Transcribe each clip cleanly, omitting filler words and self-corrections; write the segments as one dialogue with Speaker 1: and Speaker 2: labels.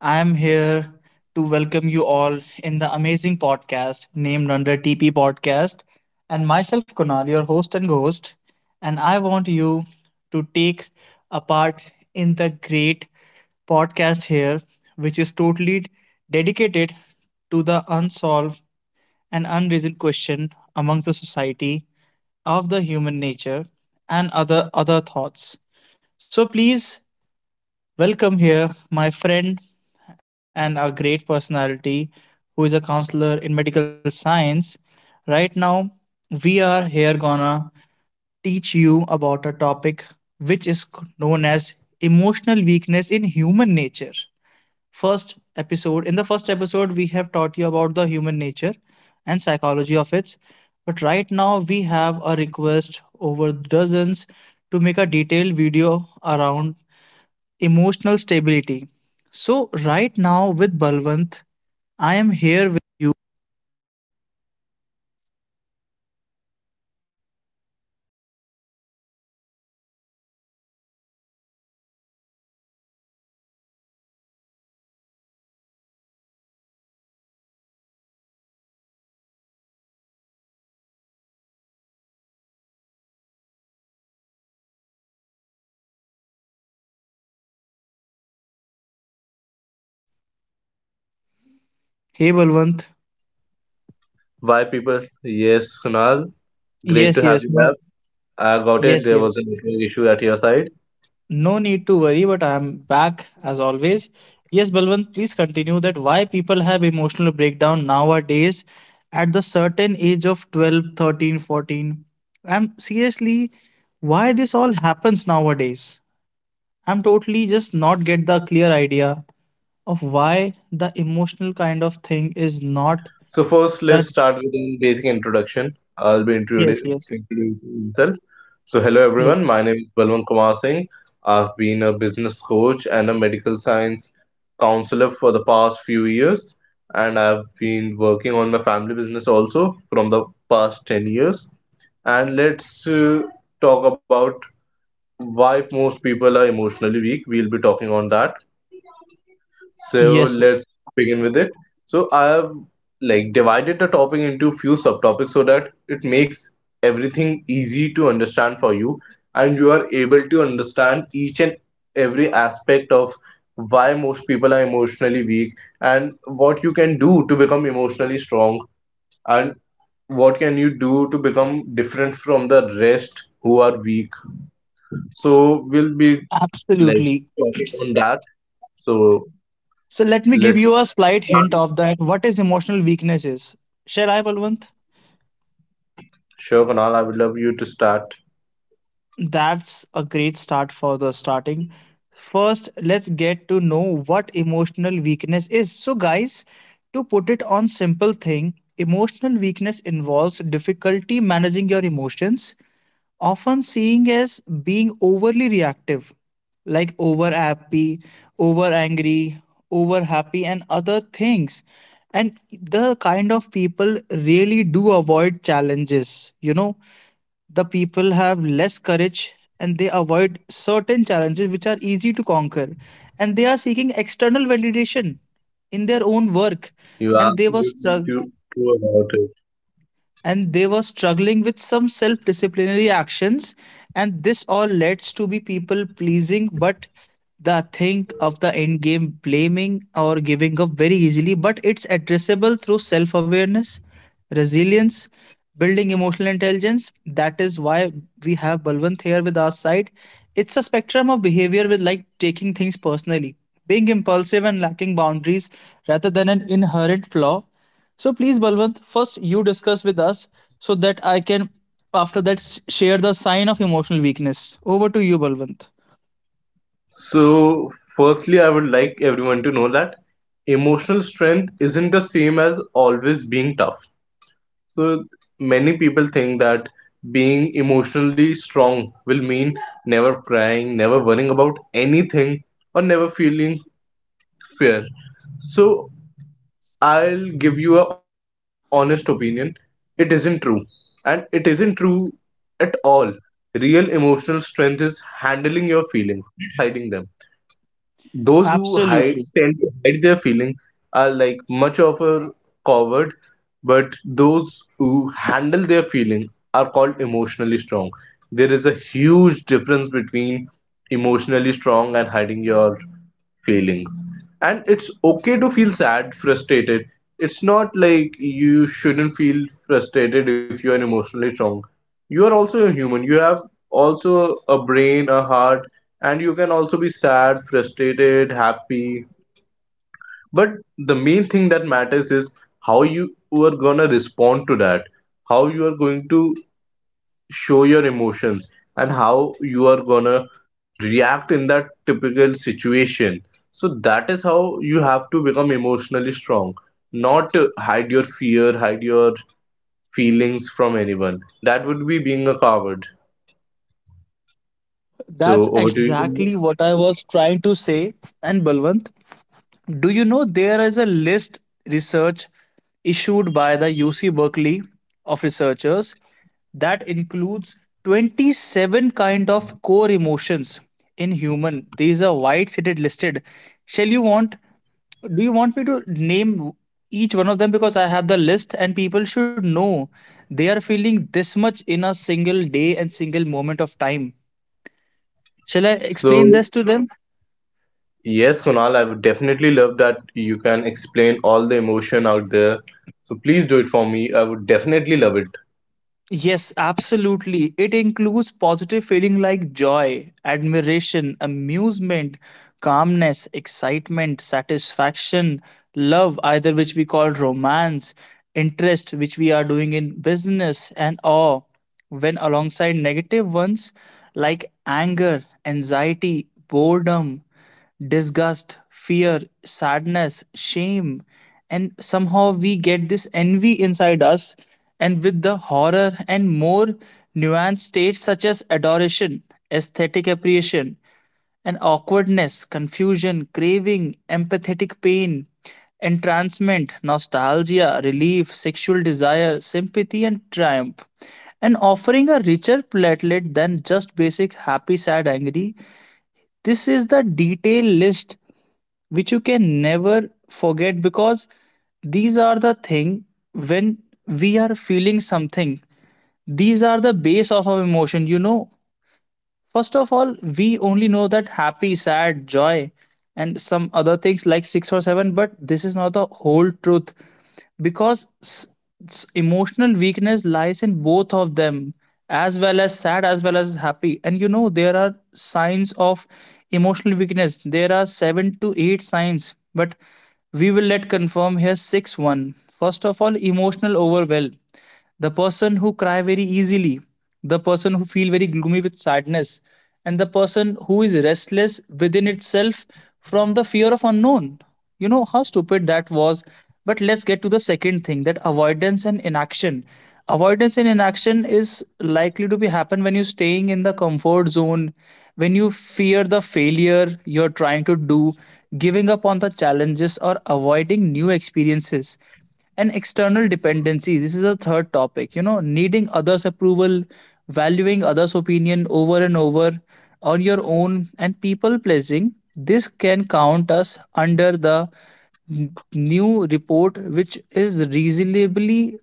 Speaker 1: I am here to welcome you all in the amazing podcast named under TP Podcast. And myself, Kunal, your host and ghost. And I want you to take a part in the great podcast here, which is totally dedicated to the unsolved and unreasoned question among the society of the human nature and other thoughts. So please welcome here, my friend and a great personality who is a counselor in medical science. Right now, we are here gonna teach you about a topic which is known as emotional weakness in human nature. First episode, in the first episode, we have taught you about the human nature and psychology of it. But right now, we have a request over dozens to make a detailed video around emotional stability. So, right now with Balwant, I am here. Hey Balwant.
Speaker 2: Why people? Yes, Kunal, great
Speaker 1: Yes,
Speaker 2: to have
Speaker 1: yes,
Speaker 2: you
Speaker 1: no.
Speaker 2: back. I got it.
Speaker 1: Yes,
Speaker 2: There was a
Speaker 1: yes.
Speaker 2: network issue at your side.
Speaker 1: No need to worry, but I'm back as always. Yes, Balwant, please continue that why people have emotional breakdown nowadays at the certain age of 12, 13, 14. I'm seriously, why this all happens nowadays? I'm
Speaker 2: Well,
Speaker 1: totally just not get the clear idea of
Speaker 2: I'll
Speaker 1: why
Speaker 2: tell
Speaker 1: the
Speaker 2: you what it is,
Speaker 1: emotional kind
Speaker 2: Kunal.
Speaker 1: of thing is not
Speaker 2: So first,
Speaker 1: done.
Speaker 2: let's start with a basic introduction. I'll be
Speaker 1: Yes,
Speaker 2: introdu-
Speaker 1: yes,
Speaker 2: introducing myself. So hello everyone.
Speaker 1: yes.
Speaker 2: My name is Balwant Kumar Singh. I've been a business coach and a medical science counselor for the past few years, and I've been working on my family business also from the past 10 years. And let's talk about why most people are emotionally weak. We'll be talking on that, so
Speaker 1: Yes,
Speaker 2: let's begin with it. So I have like divided the topic into few subtopics, so that it makes everything easy to understand for you and you are able to understand each and every aspect of why most people are emotionally weak, and what you can do to become emotionally strong, and what can you do to become different from the rest who are weak. So we'll be like
Speaker 1: absolutely.
Speaker 2: talking on that. So
Speaker 1: So let me give
Speaker 2: let's
Speaker 1: you a slight
Speaker 2: start.
Speaker 1: hint of that what is emotional weakness is. Shall I, Balwant?
Speaker 2: Sure, Kunal, I would love you to start.
Speaker 1: That's a great start for the starting. First, let's get to know what emotional weakness is. So, guys, to put it on simple thing, emotional weakness involves difficulty managing your emotions, often seen as being overly reactive, like over happy, over angry, over happy, and other things. And the kind of people really do avoid challenges. You know, the people have less courage and they avoid certain challenges which are easy to conquer. And they are seeking external validation in their own work.
Speaker 2: You are
Speaker 1: And they were
Speaker 2: absolutely
Speaker 1: struck
Speaker 2: do true about it.
Speaker 1: and they were struggling with some self-disciplinary actions, and this all leads to be people pleasing, but the thing of the end game, blaming or giving up very easily. But it's addressable through self-awareness, resilience, building emotional intelligence. That is why we have Balwant here with our side. It's a spectrum of behavior with like taking things personally, being impulsive and lacking boundaries, rather than an inherent flaw. So please, Balwant, first you discuss with us so that I can, after that, share the sign of emotional weakness. Over to you, Balwant.
Speaker 2: So, firstly, I would like everyone to know that emotional strength isn't the same as always being tough. So, many people think that being emotionally strong will mean never crying, never worrying about anything, or never feeling fear. So, I'll give you a honest opinion. It isn't true. And it isn't true at all. Real emotional strength is handling your feelings, not hiding them. Those who hide
Speaker 1: Absolutely.
Speaker 2: tend to hide their feelings are like much of a coward, but those who handle their feelings are called emotionally strong. There is a huge difference between emotionally strong and hiding your feelings. And it's okay to feel sad, frustrated. It's not like you shouldn't feel frustrated if you are emotionally strong. You are also a human. You have also a brain, a heart, and you can also be sad, frustrated, happy. But the main thing that matters is how you are gonna respond to that, how you are going to show your emotions, and how you are gonna react in that typical situation. So that is how you have to become emotionally strong, not hide your fear, hide your feelings from anyone. That would be being a coward.
Speaker 1: That's
Speaker 2: So over to you, Kunal.
Speaker 1: exactly what I was trying to say. And Balwant, do you know there is a list research issued by the UC Berkeley of researchers that includes 27 kind of core emotions in human. These are white-shaded listed. Shall you want do you want me to name each one of them, because I have the list and people should know they are feeling this much in a single day and single moment of time. Shall I
Speaker 2: So
Speaker 1: explain this to them?
Speaker 2: yes, Kunal, I would definitely love that you can explain all the emotion out there. So please do it for me, I would definitely love it.
Speaker 1: Yes, absolutely. It includes positive feeling like joy, admiration, amusement, calmness, excitement, satisfaction, love, either which we call romance, interest, which we are doing in business, and awe. When alongside negative ones like anger, anxiety, boredom, disgust, fear, sadness, shame, and somehow we get this envy inside us, and with the horror and more nuanced states such as adoration, aesthetic appreciation, and awkwardness, confusion, craving, empathetic pain, entrancement, nostalgia, relief, sexual desire, sympathy, and triumph, and offering a richer platelet than just basic happy, sad, angry. This is the detailed list which you can never forget, because these are the thing. When we are feeling something, these are the base of our emotion, you know. First of all, we only know that happy, sad, joy, and some other things like six or seven, but this is not the whole truth, because emotional weakness lies in both of them, as well as sad, as well as happy. And you know, there are signs of emotional weakness, there are seven to eight signs, but we will let confirm here six one. First of all, emotional overwhelm, the person who cry very easily, the person who feel very gloomy with sadness, and the person who is restless within itself from the fear of unknown. You know how stupid that was. But let's get to the second thing, that avoidance and inaction. Avoidance and inaction is likely to be happen when you're staying in the comfort zone, when you fear the failure you're trying to do, giving up on the challenges or avoiding new experiences. And external dependency, this is the third topic, you know, needing others approval, valuing others opinion over and over on your own, and people pleasing. This can count us under the new report, which is reasonably,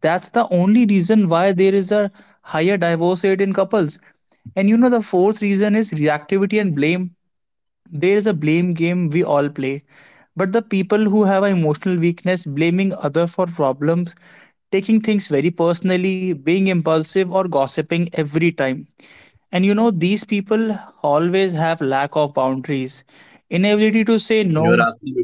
Speaker 1: that's the only reason why there is a higher divorce rate in couples. And you know the fourth reason is reactivity and blame. There is a blame game we all play, but the people who have an emotional weakness, blaming other for problems, taking things very personally, being impulsive or gossiping every time. And you know these people always have lack of boundaries,
Speaker 2: You
Speaker 1: inability to
Speaker 2: are
Speaker 1: say no,
Speaker 2: absolutely correct.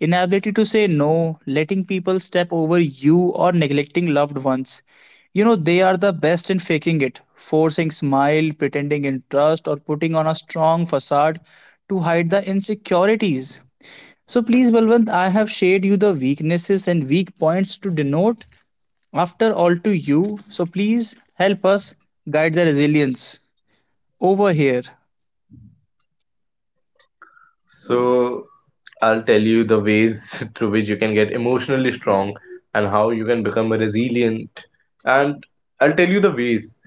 Speaker 1: inability to say no, letting people step over you, or neglecting loved ones. You know, they are the best in faking it, forcing smile, pretending interest, or putting on a strong facade to hide the insecurities. So please, Balwant, I have shared you the weaknesses and weak points to denote, after all to you. So please help us guide the resilience over here.
Speaker 2: So I'll tell you the ways through which you can get emotionally strong and how you can become resilient. And I'll tell you the ways.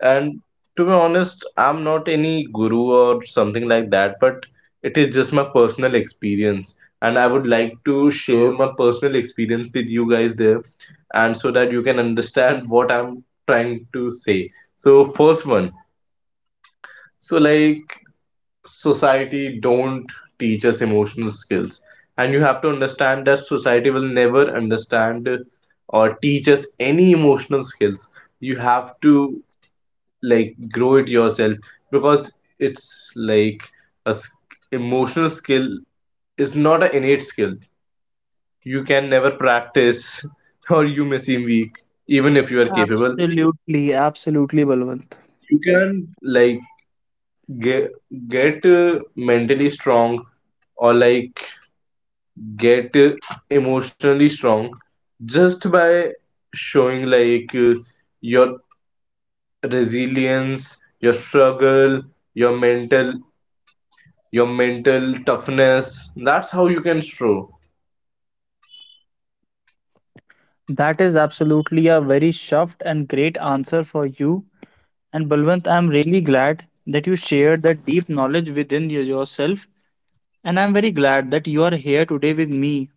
Speaker 2: And to be honest, I'm not any guru or something like that, but it is just my personal experience. And I would like to share my personal experience with you guys there, and so that you can understand what I'm trying to say. So, first one. So, like, society don't teach us emotional skills. And you have to understand that society will never understand or teach us any emotional skills. You have to like grow it yourself, because it's like a s- emotional skill is not an innate skill. You can never practice or you may seem weak even if you are capable.
Speaker 1: Absolutely, absolutely, Balwant.
Speaker 2: You can like get, get mentally strong, or like get emotionally strong just by showing like your resilience, your struggle, your mental your mental toughness. That's how you can show.
Speaker 1: That is absolutely a very shoved and great answer for you. And Balwant, I'm really glad that you shared that deep knowledge within yourself. And I'm very glad that you are here today with me.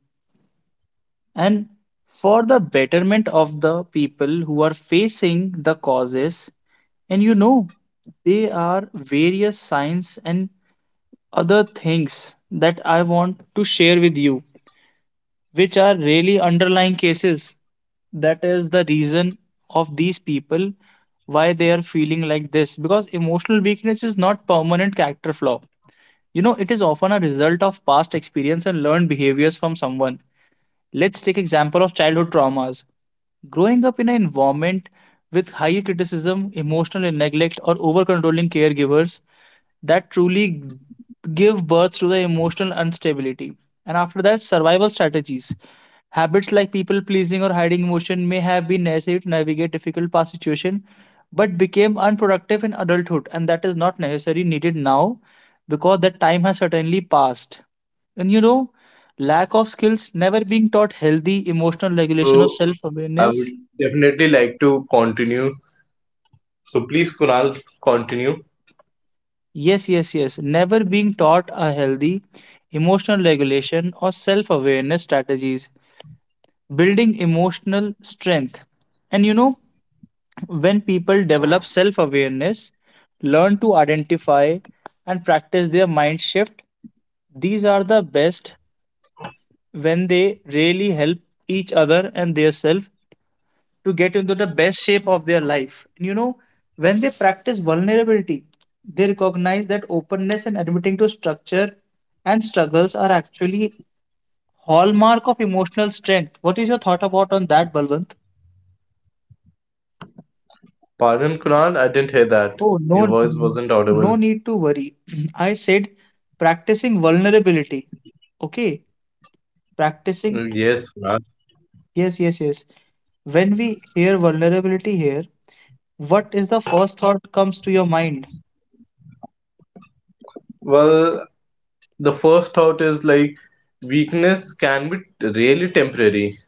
Speaker 1: And for the betterment of the people who are facing the causes, and you know, they are various signs and other things that I want to share with you, which are really underlying cases. That is the reason of these people why they are feeling like this, because emotional weakness is not permanent character flaw. You know, it is often a result of past experience and learned behaviors from someone. Let's take example of childhood traumas. Growing up in an environment with high criticism, emotional neglect, or over-controlling caregivers, that truly give birth to the emotional instability. And after that, survival strategies. Habits like people pleasing or hiding emotion may have been necessary to navigate difficult past situation, but became
Speaker 2: Exactly,
Speaker 1: unproductive
Speaker 2: you
Speaker 1: in
Speaker 2: are correct
Speaker 1: adulthood,
Speaker 2: about it,
Speaker 1: and that is
Speaker 2: Kunal.
Speaker 1: not
Speaker 2: And
Speaker 1: necessarily
Speaker 2: I'm
Speaker 1: needed now
Speaker 2: really happy that
Speaker 1: because
Speaker 2: you are
Speaker 1: that time
Speaker 2: able
Speaker 1: has
Speaker 2: to
Speaker 1: certainly passed.
Speaker 2: showcase this type
Speaker 1: And you
Speaker 2: of
Speaker 1: know, lack
Speaker 2: knowledge
Speaker 1: of
Speaker 2: with the
Speaker 1: skills, never
Speaker 2: viewers
Speaker 1: being
Speaker 2: and
Speaker 1: taught
Speaker 2: listener.
Speaker 1: healthy emotional
Speaker 2: So
Speaker 1: regulation or self
Speaker 2: I would
Speaker 1: awareness.
Speaker 2: definitely like to continue. So please, Kunal, continue.
Speaker 1: Yes, yes, yes. Never being taught a healthy emotional regulation or self awareness strategies, building emotional strength. And you know, when people develop self awareness, learn to identify and practice their mind shift, these are the best when they really help each other and their self to get into the best shape of their life. And you know, when they practice vulnerability, they recognize that openness and admitting to structure and struggles are actually hallmark of emotional strength. What is your thought about on that, Balwant?
Speaker 2: Pardon, Kunal, I didn't hear that. Your voice
Speaker 1: Oh,
Speaker 2: wasn't
Speaker 1: no,
Speaker 2: audible.
Speaker 1: no need to worry. I said practicing vulnerability. Okay,
Speaker 2: Mm.
Speaker 1: practicing.
Speaker 2: Yes, Kunal.
Speaker 1: Yes, yes, yes. When we hear vulnerability here, what is the first thought comes to your mind?
Speaker 2: Well, the first thought is like weakness can be really temporary.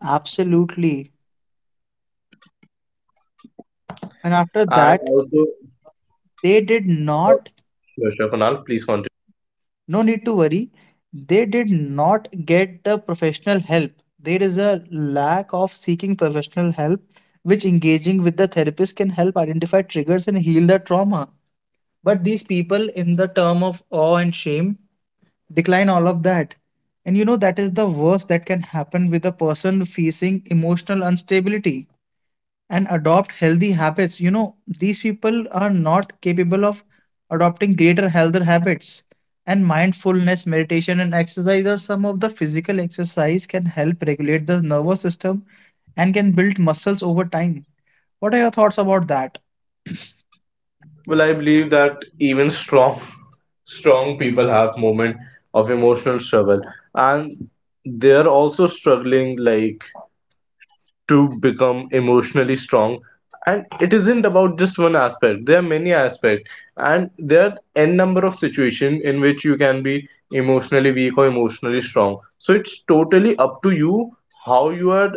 Speaker 1: Absolutely. And after
Speaker 2: And
Speaker 1: that,
Speaker 2: also,
Speaker 1: they did
Speaker 2: oh,
Speaker 1: not,
Speaker 2: sure, sure, Kunal, please continue.
Speaker 1: no need to worry, they did not get the professional help. There is a lack of seeking professional help, which engaging with the therapist can help identify triggers and heal the trauma, but these people in the term of awe and shame decline all of that. And you know that is the worst that can happen with a person facing emotional instability. And adopt healthy habits, you know, these people are not capable of adopting greater healthier habits, and mindfulness meditation and exercise are some of the physical exercise can help regulate the nervous system and can build muscles over time. What are your thoughts about that?
Speaker 2: Well, I believe that even strong, strong people have moment of emotional struggle, and they're also struggling like to become emotionally strong. And it isn't about just one aspect, there are many aspects. And there are n number of situations in which you can be emotionally weak or emotionally strong, so it's totally up to you how you are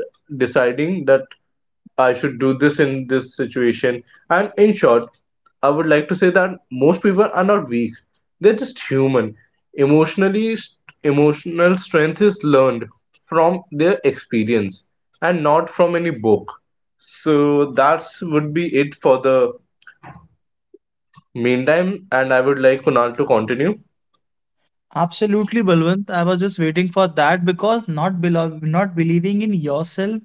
Speaker 2: deciding that I should do this in this situation. And in short, I would like to say that most people are not weak. They're just human. Emotionally, Emotional strength is learned from their experience and not from any book. So that's would be it for the meantime. And I would like Kunal to continue.
Speaker 1: Absolutely, Balwant. I was just waiting for that, because not not believing in yourself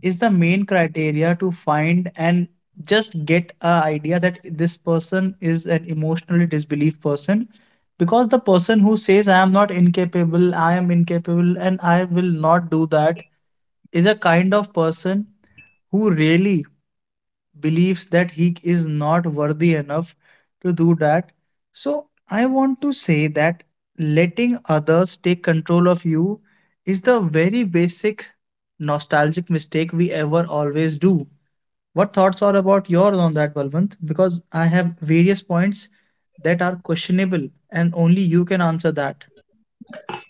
Speaker 1: is the main criteria to find and just get a idea that this person is an emotionally disbelieved person, because the person who says I am not incapable, I am incapable and I will not do that is a kind of person who really believes that he is not worthy enough to do that. So, I want to say that letting others take control of you is the very basic nostalgic mistake we ever always do. What thoughts are about yours on that, Balwant? Because I have various points that are questionable and only you can answer that.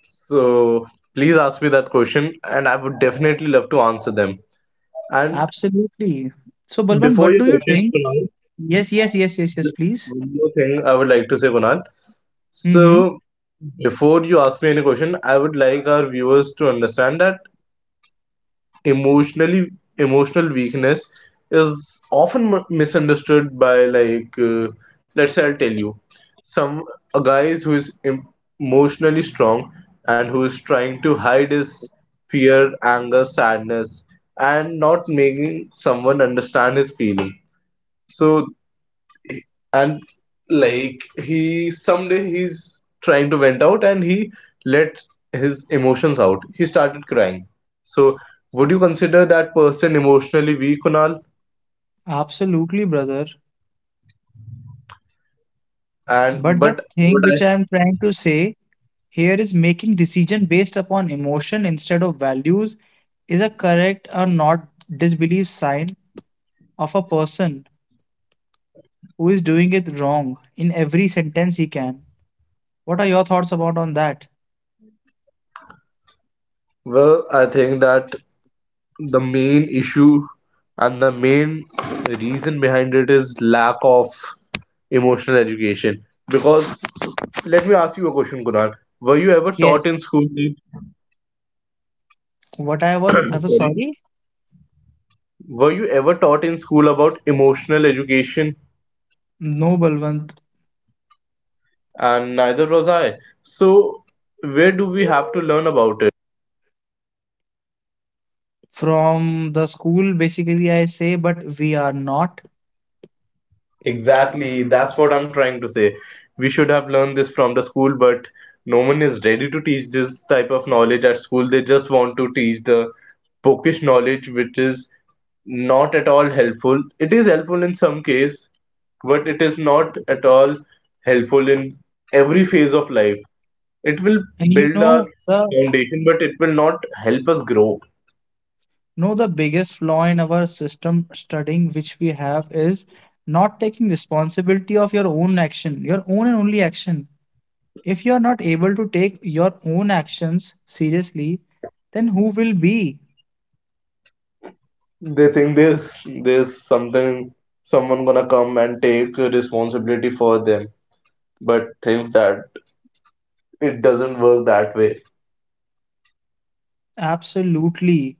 Speaker 2: So please ask me that question, and I would definitely love to answer them. And
Speaker 1: Absolutely. So, Balwant,
Speaker 2: before
Speaker 1: what
Speaker 2: your
Speaker 1: do you
Speaker 2: question,
Speaker 1: think?
Speaker 2: Kunal,
Speaker 1: Yes, yes, yes, yes, yes,
Speaker 2: just
Speaker 1: please.
Speaker 2: one more thing I would like to say, Kunal.
Speaker 1: Mm-hmm.
Speaker 2: So, before you ask me any question, I would like our viewers to understand that emotionally emotional weakness is often misunderstood by like let's say I'll tell you some a guy who is emotionally strong and who is trying to hide his fear, anger, sadness and not making someone understand his feeling. So and like he someday he's trying to vent out, and he let his emotions out, he started crying. So would you consider that person emotionally weak, Kunal?
Speaker 1: Absolutely, brother.
Speaker 2: And
Speaker 1: But the
Speaker 2: but
Speaker 1: thing
Speaker 2: what
Speaker 1: which
Speaker 2: I
Speaker 1: I am trying to say here is making decision based upon emotion instead of values is a correct or not disbelief sign of a person who is doing it wrong in every sentence he can. What are your thoughts about on that?
Speaker 2: well I think that the main issue and the main reason behind it is lack of emotional education. Because let me ask you a question, Kunal, were you ever taught
Speaker 1: Yes.
Speaker 2: in school?
Speaker 1: What I was
Speaker 2: Sorry.
Speaker 1: sorry?
Speaker 2: Were you ever taught in school about emotional education?
Speaker 1: No, Balwant.
Speaker 2: And neither was I. So, where do we have to learn about it?
Speaker 1: From the school basically I say, but we are not.
Speaker 2: Exactly, that's what I'm trying to say. We should have learned this from the school, but no one is ready to teach this type of knowledge at school. They just want to teach the bookish knowledge, which is not at all helpful. It is helpful in some case, but it is not at all helpful in every phase of life. It will
Speaker 1: And you
Speaker 2: build our
Speaker 1: know the
Speaker 2: foundation, but it will not help us grow.
Speaker 1: No, the biggest flaw in our system studying which we have is not taking responsibility of your own action, your own and only action. If you are not able to take your own actions seriously, then who will be?
Speaker 2: They think there's something someone gonna come and take responsibility for them, but thinks that it doesn't work that way.
Speaker 1: Absolutely.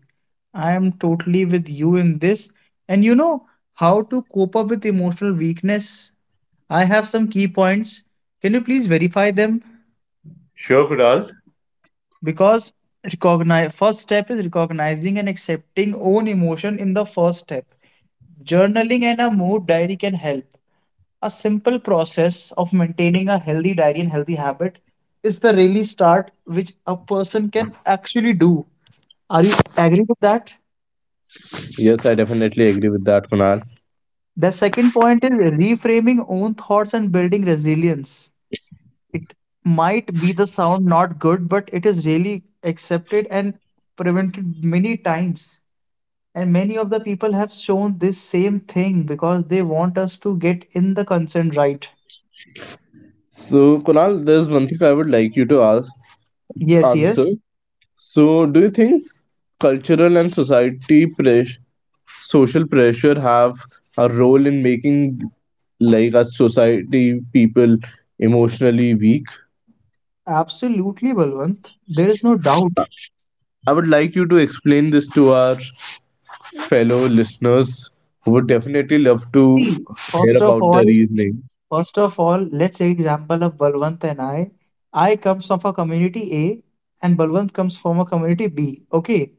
Speaker 1: I am totally with you in this. And you know how to cope up with emotional weakness? I have some key points. Can you please verify them?
Speaker 2: Sure, Kunal.
Speaker 1: Because recognize first step is recognizing and accepting own emotion in the first step, journaling and a mood diary can help. A simple process of maintaining a healthy diary and healthy habit is the really start which a person can actually do. Are you agree with that?
Speaker 2: Yes, I definitely agree with that, Kunal.
Speaker 1: The second point is reframing own thoughts and building resilience. It might be the sound not good, but it is really accepted and prevented many times. And many of the people have shown this same thing because they want us to get in the consent, right.
Speaker 2: So, Kunal, there's one thing I would like you to ask,
Speaker 1: Yes,
Speaker 2: answer.
Speaker 1: yes,
Speaker 2: So, do you think cultural and society pressure, social pressure have a role in making like a society people emotionally weak?
Speaker 1: absolutely, Balwant. There is no doubt.
Speaker 2: I would like you to explain this to our fellow listeners who would definitely love to
Speaker 1: See,
Speaker 2: hear
Speaker 1: first of
Speaker 2: about the
Speaker 1: all,
Speaker 2: reasoning.
Speaker 1: first of all, let's say example of Balwant and I. I comes from a community A and Balwant comes from a community B. Okay.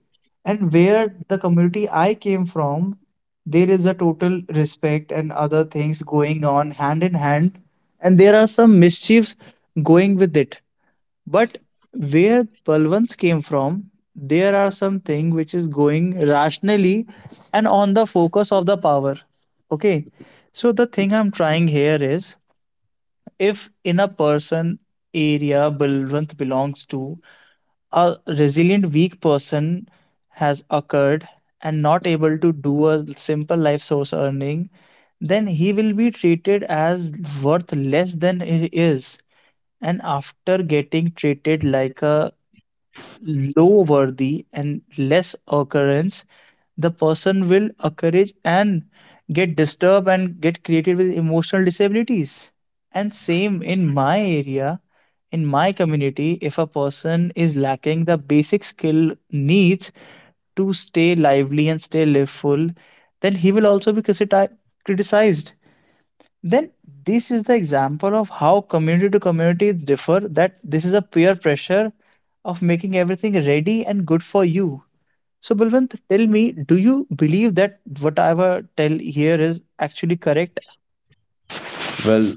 Speaker 1: And where the community I came from, there is a total respect and other things going on hand in hand, and there are some mischiefs going with it. But where Balwants came from, there are something which is going rationally and on the focus of the power. Okay. So the thing I'm trying here is, if in a person area Balwant belongs to, a resilient weak person has occurred and not able to do a simple life source earning, then he will be treated as worth less than he is, and after getting treated like a low worthy and less occurrence, the person will encourage and get disturbed and get created with emotional disabilities. And same in my area, in my community, if a person is lacking the basic skill needs to stay lively and stay liveful, then he will also be criticized. Then this is the example of how community to communities differ, that this is a peer pressure of making everything ready and good for you. So Balwant, tell me, do you believe that whatever tell here is actually correct?
Speaker 2: Well,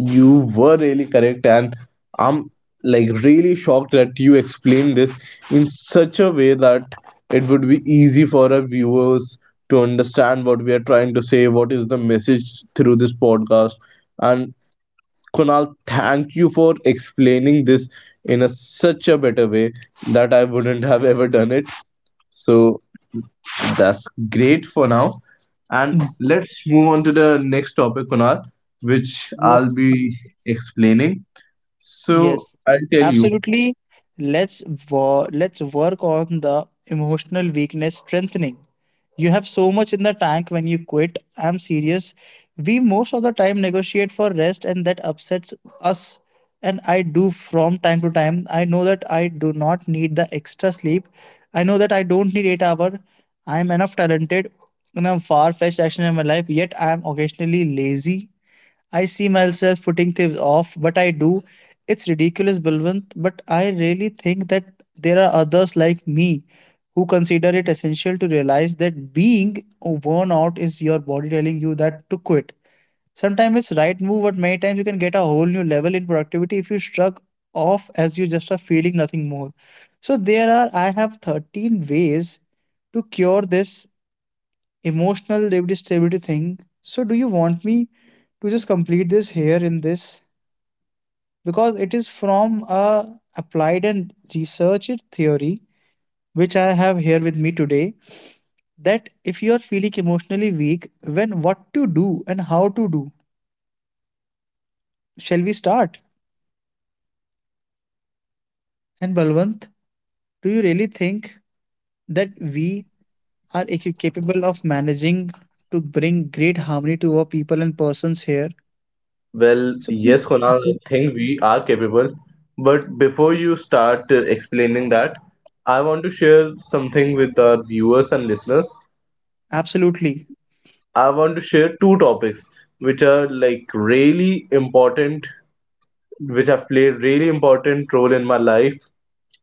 Speaker 2: you were really correct, and I'm like really shocked that you explained this in such a way that it would be easy for our viewers to understand what we are trying to say, what is the message through this podcast. And Kunal, thank you for explaining this in a such a better way that I wouldn't have ever done it. So that's great for now. And
Speaker 1: Mm.
Speaker 2: let's move on to the next topic, Kunal, which I'll be
Speaker 1: Yes,
Speaker 2: explaining. So
Speaker 1: yes,
Speaker 2: I'll tell you.
Speaker 1: absolutely. Let's let's work on the emotional weakness strengthening. You have so much in the tank when you quit. I'm serious. We most of the time negotiate for rest, and that upsets us. And I do from time to time. I know that I do not need the extra sleep. I know that I don't need 8 hours. I'm enough talented and I'm far fetched action in my life, yet I'm occasionally lazy. I see myself putting things off, but I do. It's ridiculous, Balwant, but I really think that there are others like me who consider it essential to realize that being worn out is your body telling you that to quit. Sometimes it's right move, but many times you can get a whole new level in productivity if you struck off as you just are feeling nothing more. So there are I have 13 ways to cure this emotional lived stability thing. So, do you want me to just complete this here in this? Because it is from a applied and researched theory which I have here with me today, that if you are feeling emotionally weak, when what to do and how to do. Shall we start? And Balwant, do you really think that we are capable of managing to bring great harmony to our people and persons here?
Speaker 2: Well,
Speaker 1: So
Speaker 2: yes,
Speaker 1: please,
Speaker 2: Kunal, I think we are capable. But before you start explaining that, I want to share something with our viewers and listeners.
Speaker 1: absolutely.
Speaker 2: I want to share two topics which are like really important, which have played really important role in my life.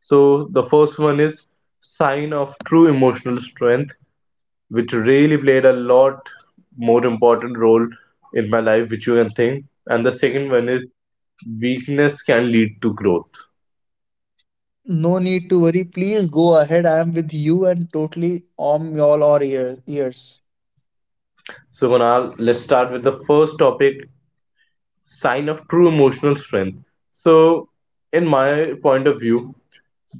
Speaker 2: So the first one is sign of true emotional strength, which really played a lot more important role in my life, which you can think. And the second one is weakness can lead to growth.
Speaker 1: No need to worry. Please go ahead. I am with you and totally on all our ears.
Speaker 2: So Kunal, let's start with the first topic, sign of true emotional strength. So in my point of view,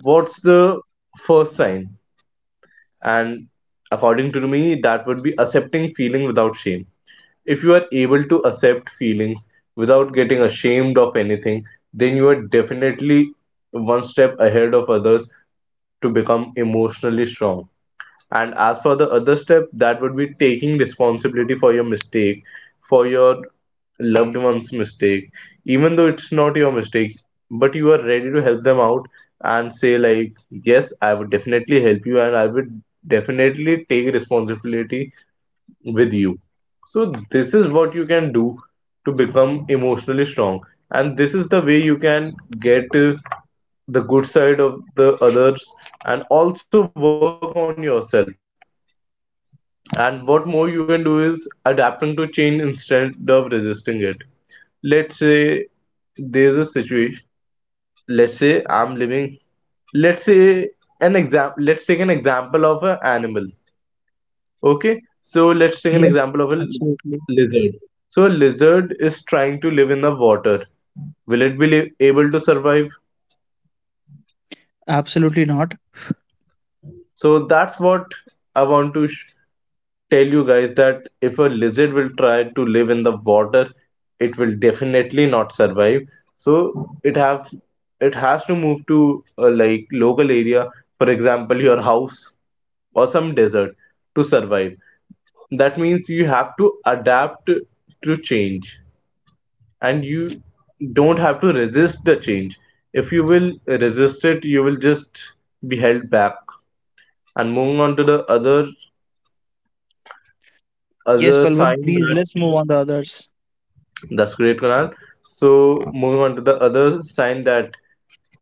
Speaker 2: what's the first sign? And according to me, that would be accepting feeling without shame. If you are able to accept feelings without getting ashamed of anything, then you are definitely one step ahead of others to become emotionally strong. And as for the other step, that would be taking responsibility for your mistake, for your loved one's mistake, even though it's not your mistake, but you are ready to help them out and say, like, yes, I would definitely help you and I would definitely take responsibility with you. So, this is what you can do to become emotionally strong, and this is the way you can get the good side of the others and also work on yourself. And what more you can do is adapting to change instead of resisting it. Let's say there's a situation, let's say I'm living, let's say an example, let's take an example of an animal. Okay, so let's take an
Speaker 1: Yes,
Speaker 2: example of a
Speaker 1: absolutely.
Speaker 2: lizard. So a lizard is trying to live in the water. Will it be able to survive?
Speaker 1: Absolutely not.
Speaker 2: So that's what I want to tell you guys that if a lizard will try to live in the water, it will definitely not survive. So it has to move to a like local area, for example, your house or some desert to survive. That means you have to adapt to change, and you don't have to resist the change. If you will resist it, you will just be held back. And moving on to the other
Speaker 1: Yes,
Speaker 2: other
Speaker 1: Balwant,
Speaker 2: sign
Speaker 1: please
Speaker 2: that—
Speaker 1: let's move on to others.
Speaker 2: that's great, Kunal. So moving on to the other sign that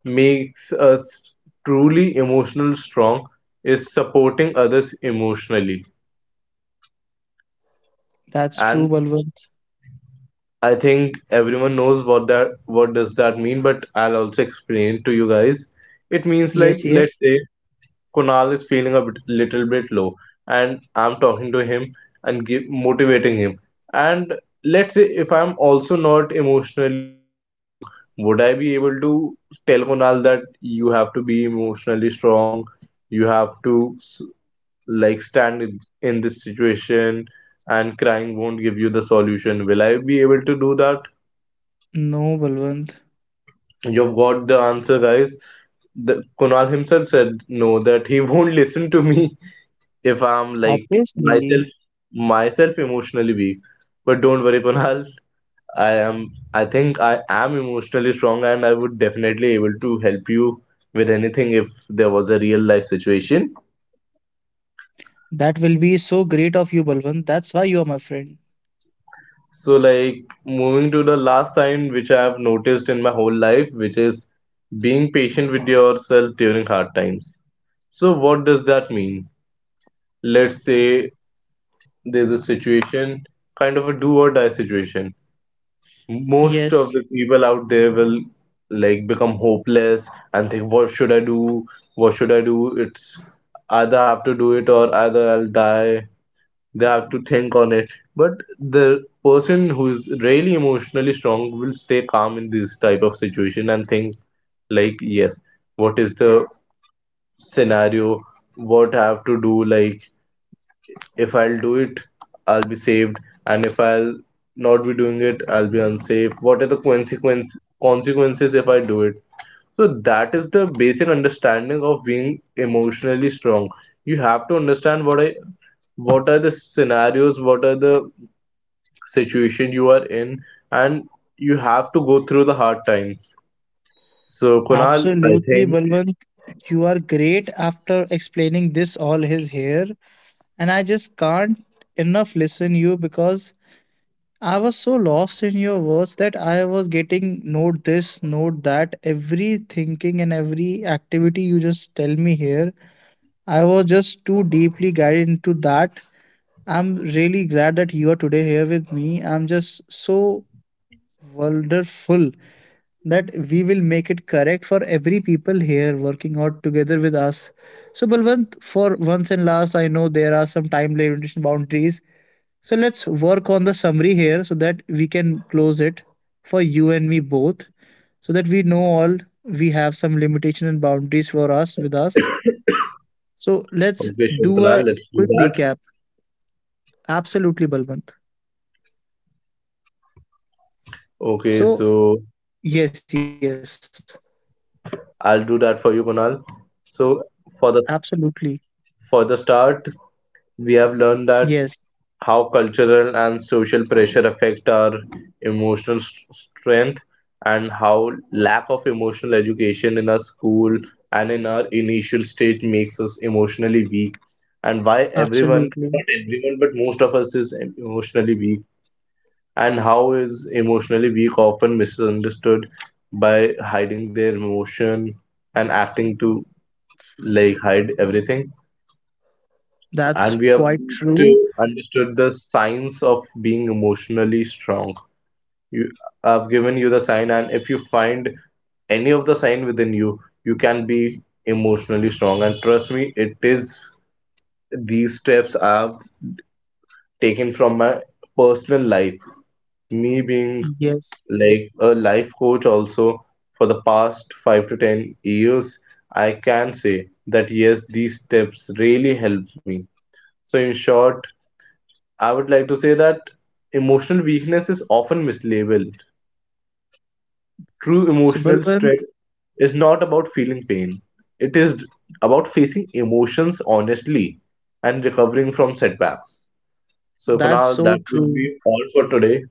Speaker 2: makes us truly emotional strong is supporting others emotionally.
Speaker 1: That's true,
Speaker 2: And
Speaker 1: Balwant.
Speaker 2: I think everyone knows what does that mean, but I'll also explain to you guys. It means, like,
Speaker 1: Yes, yes.
Speaker 2: let's say Kunal is feeling little bit low, and I'm talking to him and motivating him. And let's say if I'm also not emotionally strong, would I be able to tell Kunal that you have to be emotionally strong, you have to like stand in this situation, and crying won't give you the solution? Will I be able to do that?
Speaker 1: No, Balwant.
Speaker 2: You've got the answer, guys. Kunal himself said no, that he won't listen to me if I'm like
Speaker 1: Obviously.
Speaker 2: myself myself emotionally weak. But don't worry, Kunal. I am I think I am emotionally strong, and I would definitely able to help you with anything if there was a real life situation.
Speaker 1: That will be so great of you, Balwant. That's why you are my friend.
Speaker 2: So, like, moving to the last sign which I have noticed in my whole life, which is being patient with yourself during hard times. So what does that mean? Let's say there's a situation, kind of a do or die situation. Most
Speaker 1: Yes,
Speaker 2: of the people out there will like become hopeless and think, what should I do, what should I do? It's either I have to do it or either I'll die. They have to think on it. But the person who is really emotionally strong will stay calm in this type of situation and think, like, yes, what is the scenario, what I have to do, like, if I'll do it, I'll be saved, and if I'll not be doing it, I'll be unsafe. What are the consequences if I do it? So that is the basic understanding of being emotionally strong. You have to understand what are the scenarios, what are the situation you are in, and you have to go through the hard times. So, Kunal, I
Speaker 1: absolutely,
Speaker 2: think—
Speaker 1: Balwant. You are great after explaining this all his hair, and I just can't enough listen you because I was so lost in your words that I was getting note this, note that, every thinking and every activity you just tell me here. I was just too deeply guided into that. I'm really glad that you are today here with me. I'm just so wonderful that we will make it correct for every people here working out together with us. So Balwant, for once and last, I know there are some time limitation boundaries, so let's work on the summary here so that we can close it for you and me both, so that we know all we have some limitation and boundaries for us with us. So let's
Speaker 2: okay, sure,
Speaker 1: do
Speaker 2: Kunal,
Speaker 1: a
Speaker 2: let's do
Speaker 1: quick
Speaker 2: that.
Speaker 1: recap. Absolutely, Balwant.
Speaker 2: Okay,
Speaker 1: So
Speaker 2: so
Speaker 1: yes, yes,
Speaker 2: I'll do that for you, Kunal. So for the—
Speaker 1: absolutely.
Speaker 2: for the start, we have learned
Speaker 1: Yes,
Speaker 2: that how cultural and social pressure affect our emotional strength, and how lack of emotional education in our school and in our initial state makes us emotionally weak, and why everyone—
Speaker 1: absolutely.
Speaker 2: not everyone, but most of us is emotionally weak, and how is emotionally weak often misunderstood by hiding their emotion and acting to like hide everything. And
Speaker 1: That's
Speaker 2: we have
Speaker 1: quite true.
Speaker 2: to understood the science of being emotionally strong. You, I've given you the sign, and if you find any of the sign within you, you can be emotionally strong. And trust me, it is— these steps I've taken from my personal life. Me being
Speaker 1: Yes.
Speaker 2: like a life coach, also for the past 5 to 10 years, I can say that yes, these steps really helped me. So, in short, I would like to say that emotional weakness is often mislabeled. True
Speaker 1: So
Speaker 2: emotional
Speaker 1: Balwant,
Speaker 2: strength is not about feeling pain, it is about facing emotions honestly and recovering from setbacks. So,
Speaker 1: that's
Speaker 2: Kunal,
Speaker 1: so
Speaker 2: that would
Speaker 1: true.
Speaker 2: be all for today.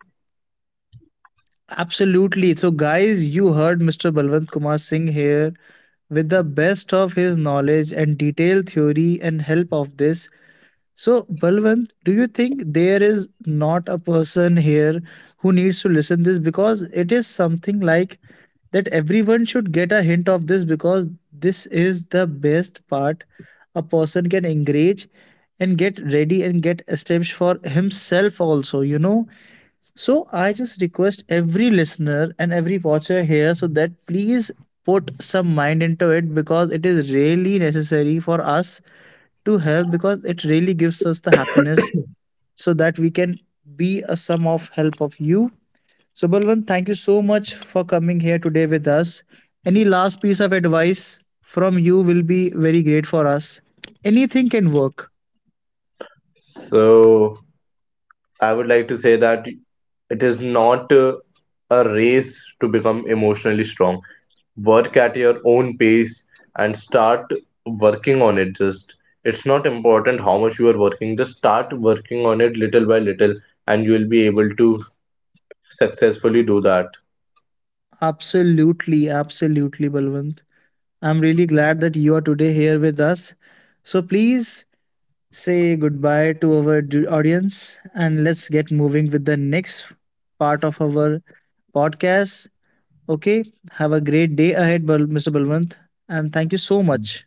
Speaker 1: Absolutely. So guys, you heard Mr. Balwant Kumar Singh here, with the best of his knowledge and detailed theory and help of this. So, Balwant, do you think there is not a person here who needs to listen this, because it is something like that everyone should get a hint of this, because this is the best part a person can engage and get ready and get established for himself also, you know. So I just request every listener and every watcher here, so that please put some mind into it because it is really necessary for us to help, because it really gives us the happiness so that we can be a sum of help of you. So Balwant, thank you so much for coming here today with us. Any last piece of advice from you will be very great for us. Anything can work.
Speaker 2: So, I would like to say that it is not a race to become emotionally strong. Work at your own pace and start working on it. Just— it's not important how much you are working. Just start working on it little by little, and you will be able to successfully do that.
Speaker 1: Absolutely, absolutely, Balwant. I'm really glad that you are today here with us. So please say goodbye to our audience and let's get moving with the next part of our podcast. Okay, have a great day ahead, Mr. Balwant, and thank you so much.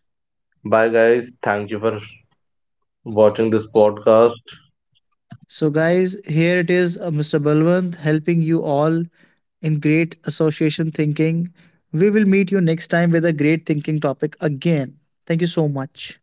Speaker 2: Bye, guys. Thank you for watching this podcast.
Speaker 1: So, guys, here it is, Mr. Balwant helping you all in great association thinking. We will meet you next time with a great thinking topic again. Thank you so much.